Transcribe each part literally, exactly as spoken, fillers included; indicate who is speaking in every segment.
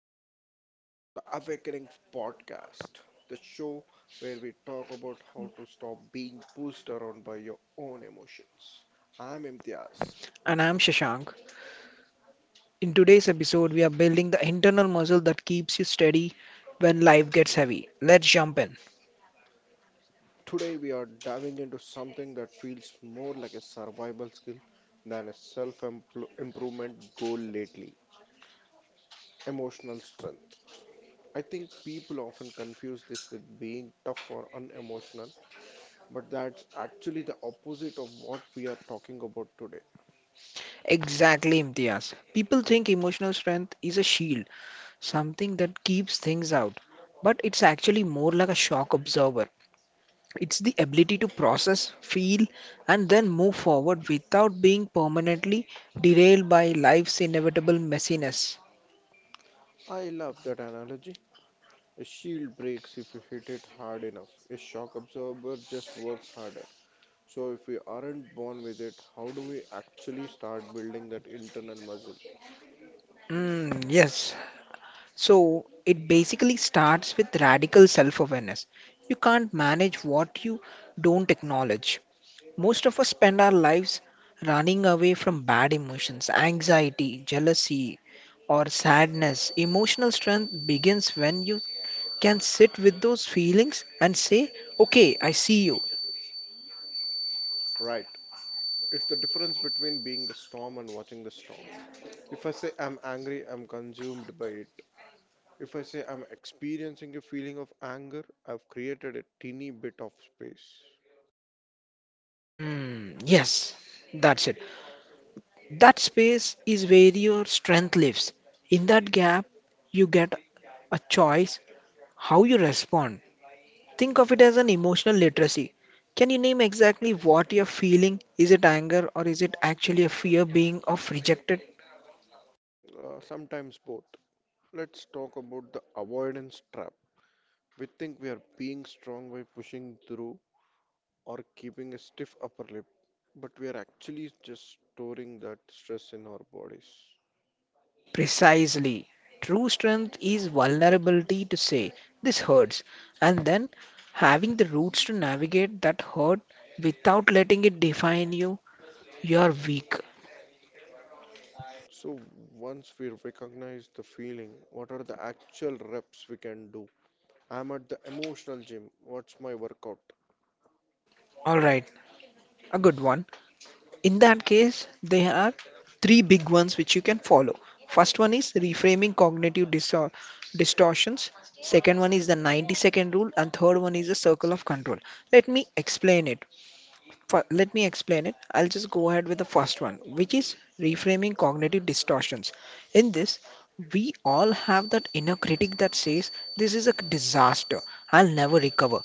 Speaker 1: evening. Welcome back to the Awakening Podcast, the show where we talk about how to stop being pushed around by your own emotions. I'm Imtiaz.
Speaker 2: And I'm Shashank. In today's episode, we are building the internal muscle that keeps you steady when life gets heavy. Let's jump in.
Speaker 1: Today we are diving into something that feels more like a survival skill than a self improvement goal lately emotional strength. I think people often confuse this with being tough or unemotional, but that's actually the opposite of what we are talking about today.
Speaker 2: Exactly, Imtiaz. People think emotional strength is a shield, something that keeps things out. But it's actually more like a shock absorber. It's the ability to process, feel, and then move forward without being permanently derailed by life's inevitable messiness.
Speaker 1: I love that analogy. A shield breaks if you hit it hard enough. A shock absorber just works harder. So, if we aren't born with it, how do we actually start building that internal muscle?
Speaker 2: Mm, yes, So it basically starts with radical self awareness. You can't manage what you don't acknowledge. Most of us spend our lives running away from bad emotions, anxiety, jealousy, or sadness. Emotional strength begins when you can sit with those feelings and say, okay, I see you.
Speaker 1: Right. It's the difference between being the storm and watching the storm. If I say I'm angry, I'm consumed by it. If I say I'm experiencing a feeling of anger, I've created a teeny bit of space.
Speaker 2: Mm, yes, that's it. That space is where your strength lives. In that gap, you get a choice how you respond. Think of it as an emotional literacy. Can you name exactly what you're feeling? Is it anger or is it actually a fear being of rejected?
Speaker 1: Uh, sometimes both. Let's talk about the avoidance trap. We think we are being strong by pushing through, or keeping a stiff upper lip, but we are actually just storing that stress in our bodies.
Speaker 2: Precisely. True strength is vulnerability to say, this hurts, and then having the roots to navigate that hurt without letting it define you, you're weak.
Speaker 1: So once we recognize the feeling, what are the actual reps we can do? I'm at the emotional gym. What's my workout?
Speaker 2: Alright, a good one. In that case, there are three big ones which you can follow. First one is reframing cognitive distor- distortions. Second one is the ninety second rule, and third one is the circle of control. Let me explain it. Fi- Let me explain it. I'll just go ahead with the first one, which is reframing cognitive distortions. In this, we all have that inner critic that says, this is a disaster, I'll never recover.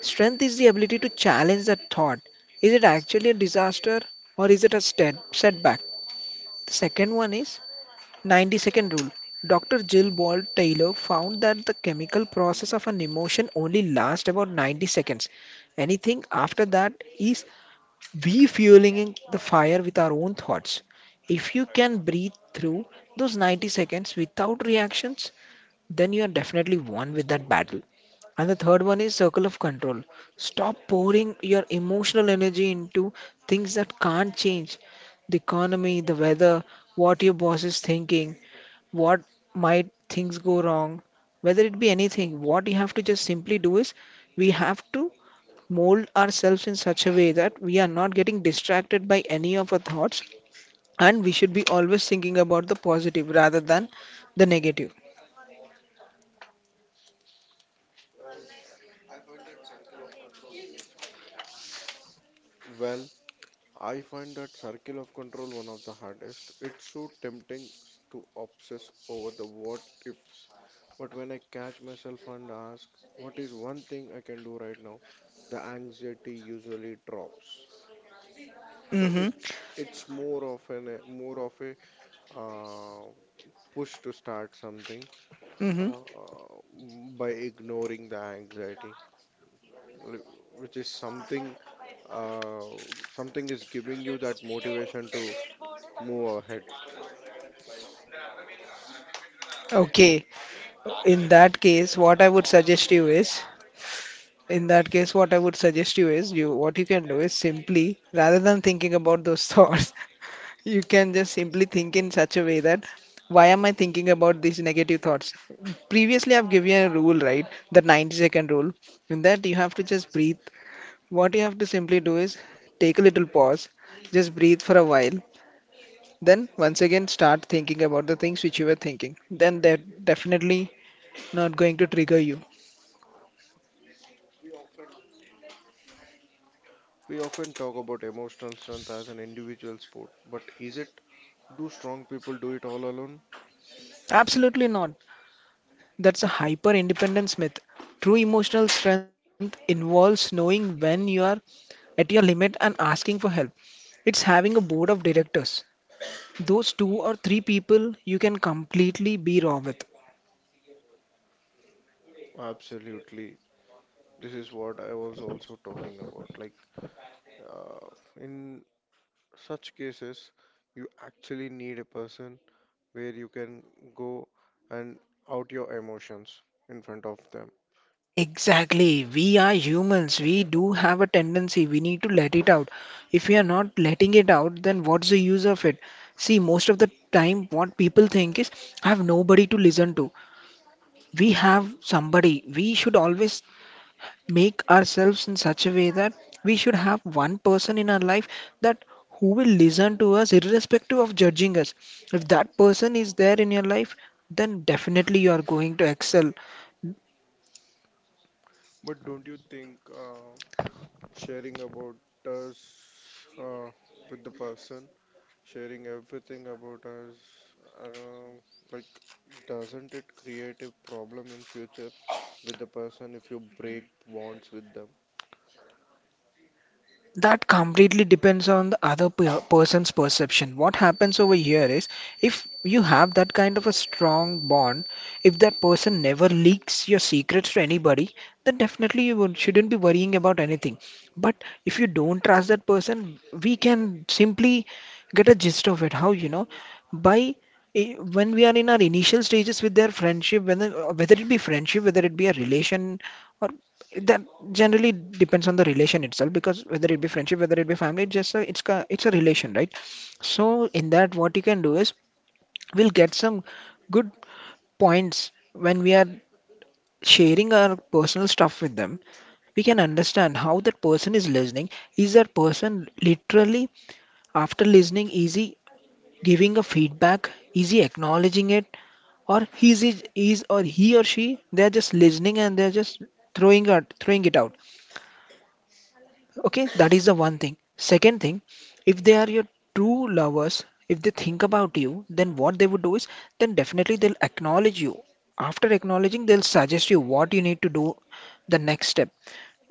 Speaker 2: Strength is the ability to challenge that thought. Is it actually a disaster or is it a stet- setback? The second one is ninety second rule. doctor Jill Ball Taylor found that the chemical process of an emotion only lasts about ninety seconds. Anything after that is refueling the fire with our own thoughts. If you can breathe through those ninety seconds without reactions, then you are definitely won with that battle. And the third one is circle of control. Stop pouring your emotional energy into things that can't change. The economy, the weather, what your boss is thinking, what might things go wrong, whether it be anything. What you have to just simply do is we have to mold ourselves in such a way that we are not getting distracted by any of our thoughts and we should be always thinking about the positive rather than the negative.
Speaker 1: Well, I find that circle of control one of the hardest. It's so tempting to obsess over the what ifs, but when I catch myself and ask, what is one thing I can do right now? The anxiety usually drops. So
Speaker 2: Mm-hmm.
Speaker 1: it it's more of an uh, more of a uh, push to start something,
Speaker 2: Mm-hmm.
Speaker 1: uh, by ignoring the anxiety, li- which is something, uh, something is giving you that motivation to move ahead.
Speaker 2: Okay. In that case, what I would suggest you is, In that case, what I would suggest you is, you what you can do is simply, rather than thinking about those thoughts, you can just simply think in such a way that, why am I thinking about these negative thoughts? Previously, I've given you a rule, right? The ninety second rule. In that, you have to just breathe. What you have to simply do is take a little pause, just breathe for a while. Then once again start thinking about the things which you were thinking. Then they're definitely not going to trigger you.
Speaker 1: We often talk about emotional strength as an individual sport, but is it? Do strong people do it all alone?
Speaker 2: Absolutely not. That's a hyper independence myth. True emotional strength involves knowing when you are at your limit and asking for help. It's having a board of directors. Those two or three people you can completely be raw with.
Speaker 1: Absolutely. This is what I was also talking about. Like, uh, in such cases, you actually need a person where you can go and out your emotions in front of them.
Speaker 2: Exactly. We are humans. We do have a tendency. We need to let it out. If we are not letting it out, then what's the use of it? See, most of the time, what people think is, I have nobody to listen to. We have somebody. We should always make ourselves in such a way that we should have one person in our life that who will listen to us irrespective of judging us. If that person is there in your life, then definitely you are going to excel.
Speaker 1: But don't you think, uh, sharing about us, uh, with the person, sharing everything about us, uh, like, doesn't it create a problem in future with the person if you break bonds with them?
Speaker 2: That completely depends on the other per- person's perception. What happens over here is, if you have that kind of a strong bond, if that person never leaks your secrets to anybody, then definitely you won't- shouldn't be worrying about anything. But if you don't trust that person, we can simply get a gist of it. How, you know, by i- when we are in our initial stages with their friendship, whether, whether it be friendship, whether it be a relation, or that generally depends on the relation itself, because whether it be friendship, whether it be family, it's just a, it's a, it's a relation, right? So in that, what you can do is, we'll get some good points when we are sharing our personal stuff with them. We can understand how that person is listening. Is that person literally, after listening, is he giving a feedback, is he acknowledging it, or he's is is or he or she, they're just listening and they're just throwing out throwing it out. Okay, that is the one thing. Second thing, if they are your true lovers, if they think about you, then what they would do is, then definitely they'll acknowledge you. After acknowledging, they'll suggest you what you need to do the next step.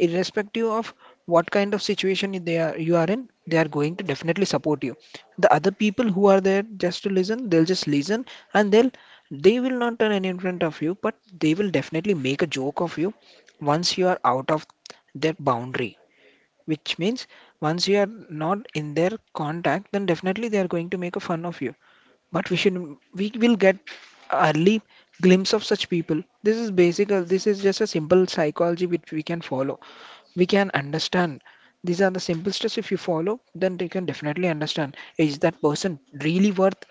Speaker 2: Irrespective of what kind of situation they are, you are in, they are going to definitely support you. The other people who are there just to listen, they'll just listen, and they'll they will not turn any in front of you, but they will definitely make a joke of you once you are out of that boundary, which means once you are not in their contact, then definitely they are going to make a fun of you. But we should we will get early glimpse of such people. This is basic. uh, This is just a simple psychology which we can follow. We can understand. These are the simple steps. If you follow, then you can definitely understand, is that person really worth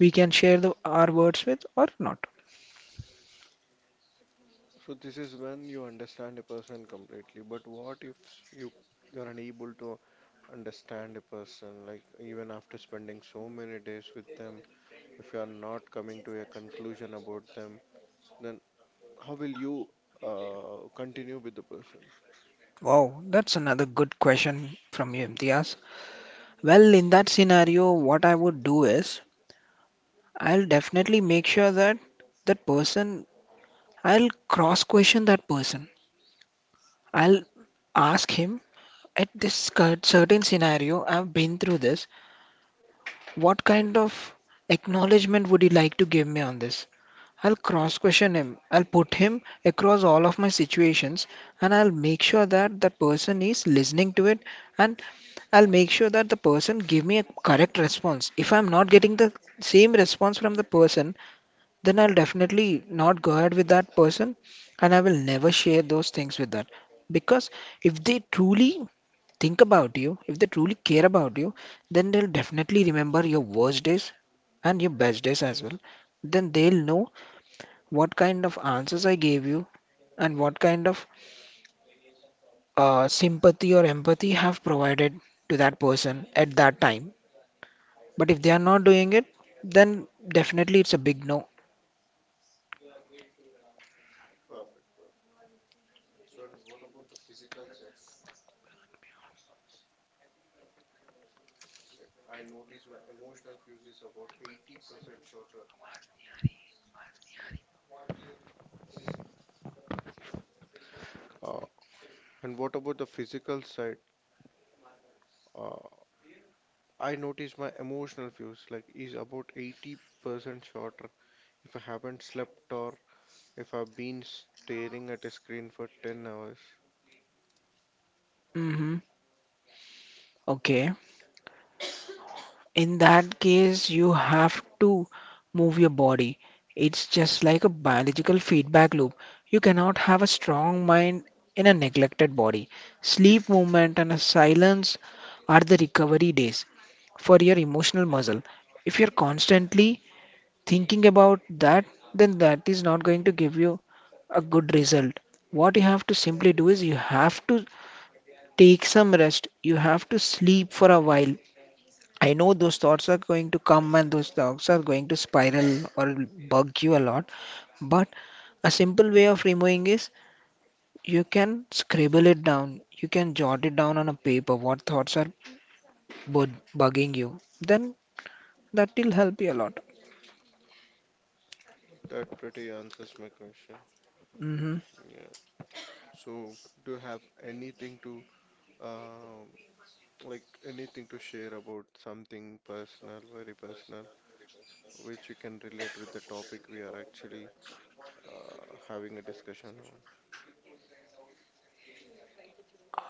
Speaker 2: we can share the our words with or not.
Speaker 1: So this is when you understand a person completely. But what if you you're unable to understand a person, like even after spending so many days with them, if you are not coming to a conclusion about them, then how will you uh, continue with the person?
Speaker 2: Wow, that's another good question from you, Imtiaz. Well, in that scenario, what I would do is, I'll definitely make sure that that person, I'll cross question that person. I'll ask him, at this cur- certain scenario, I've been through this. What kind of acknowledgement would you like to give me on this? I'll cross question him. I'll put him across all of my situations, and I'll make sure that that person is listening to it, and I'll make sure that the person give me a correct response. If I'm not getting the same response from the person, then I'll definitely not go ahead with that person, and I will never share those things with that. Because if they truly think about you, if they truly care about you, then they'll definitely remember your worst days and your best days as well. Then they'll know what kind of answers I gave you and what kind of uh, sympathy or empathy have provided to that person at that time. But if they are not doing it, then definitely it's a big no.
Speaker 1: Perfect, perfect. So and what about the physical side? I notice my emotional fuse is about eighty percent shorter. Uh, and what about the physical side? Uh, I notice my emotional fuse like is about eighty percent shorter if I haven't slept or if I've been staring at a screen for ten hours.
Speaker 2: Mm-hmm. Okay. In that case, you have to move your body. It's just like a biological feedback loop. You cannot have a strong mind in a neglected body. Sleep, movement, and a silence are the recovery days for your emotional muscle. If you're constantly thinking about that, then that is not going to give you a good result. What you have to simply do is, you have to take some rest, you have to sleep for a while. I know those thoughts are going to come and those thoughts are going to spiral or bug you a lot, but a simple way of removing is you can scribble it down. You can jot it down on a paper what thoughts are bu bugging you. Then that will help you a lot.
Speaker 1: That pretty answers my question.
Speaker 2: Mm-hmm.
Speaker 1: Yeah. So, do you have anything to um like anything to share about something personal, very personal, which you can relate with the topic we are actually uh, having a discussion on?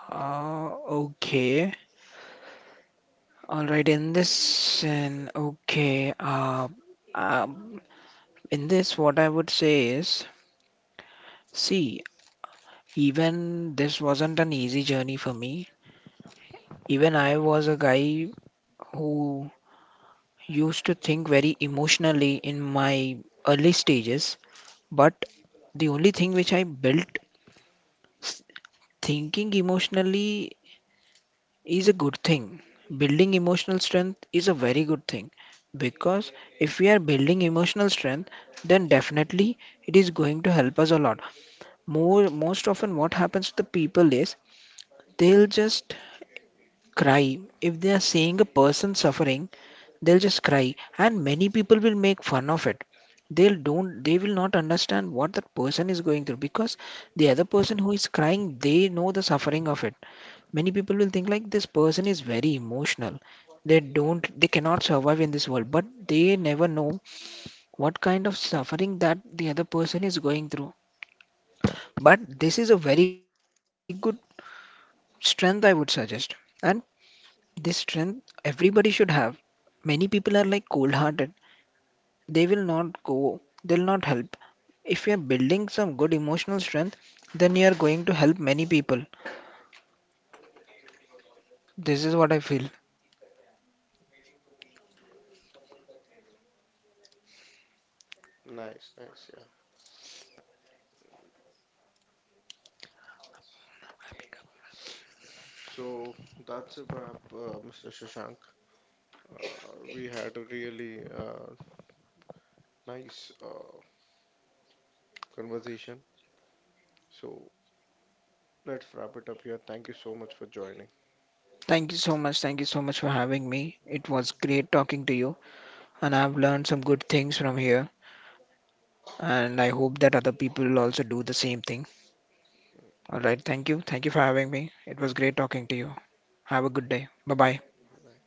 Speaker 2: Uh, okay. All right. In this, and okay. Uh, um, in this, what I would say is, see, even this wasn't an easy journey for me. Even I was a guy who used to think very emotionally in my early stages. But the only thing which I built, s- thinking emotionally is a good thing. Building emotional strength is a very good thing, because if we are building emotional strength, then definitely it is going to help us a lot. More, most often, what happens to the people is, they'll just cry if they are seeing a person suffering. They'll just cry, and many people will make fun of it. They'll don't they will not understand what that person is going through, because the other person who is crying, they know the suffering of it. Many people will think, like, this person is very emotional, they don't they cannot survive in this world, but they never know what kind of suffering that the other person is going through. But this is a very good strength, I would suggest, and this strength everybody should have. Many people are like cold hearted. they will not go they'll not help. If you're building some good emotional strength, then you're going to help many people. This is what I feel.
Speaker 1: Nice, nice, yeah. So that's a wrap, uh, mister Shashank. Uh, we had a really uh, nice uh, conversation. So let's wrap it up here. Thank you so much for joining.
Speaker 2: Thank you so much. Thank you so much for having me. It was great talking to you, and I've learned some good things from here. And I hope that other people will also do the same thing. All right. Thank you. Thank you for having me. It was great talking to you. Have a good day. Bye bye.
Speaker 1: Bye.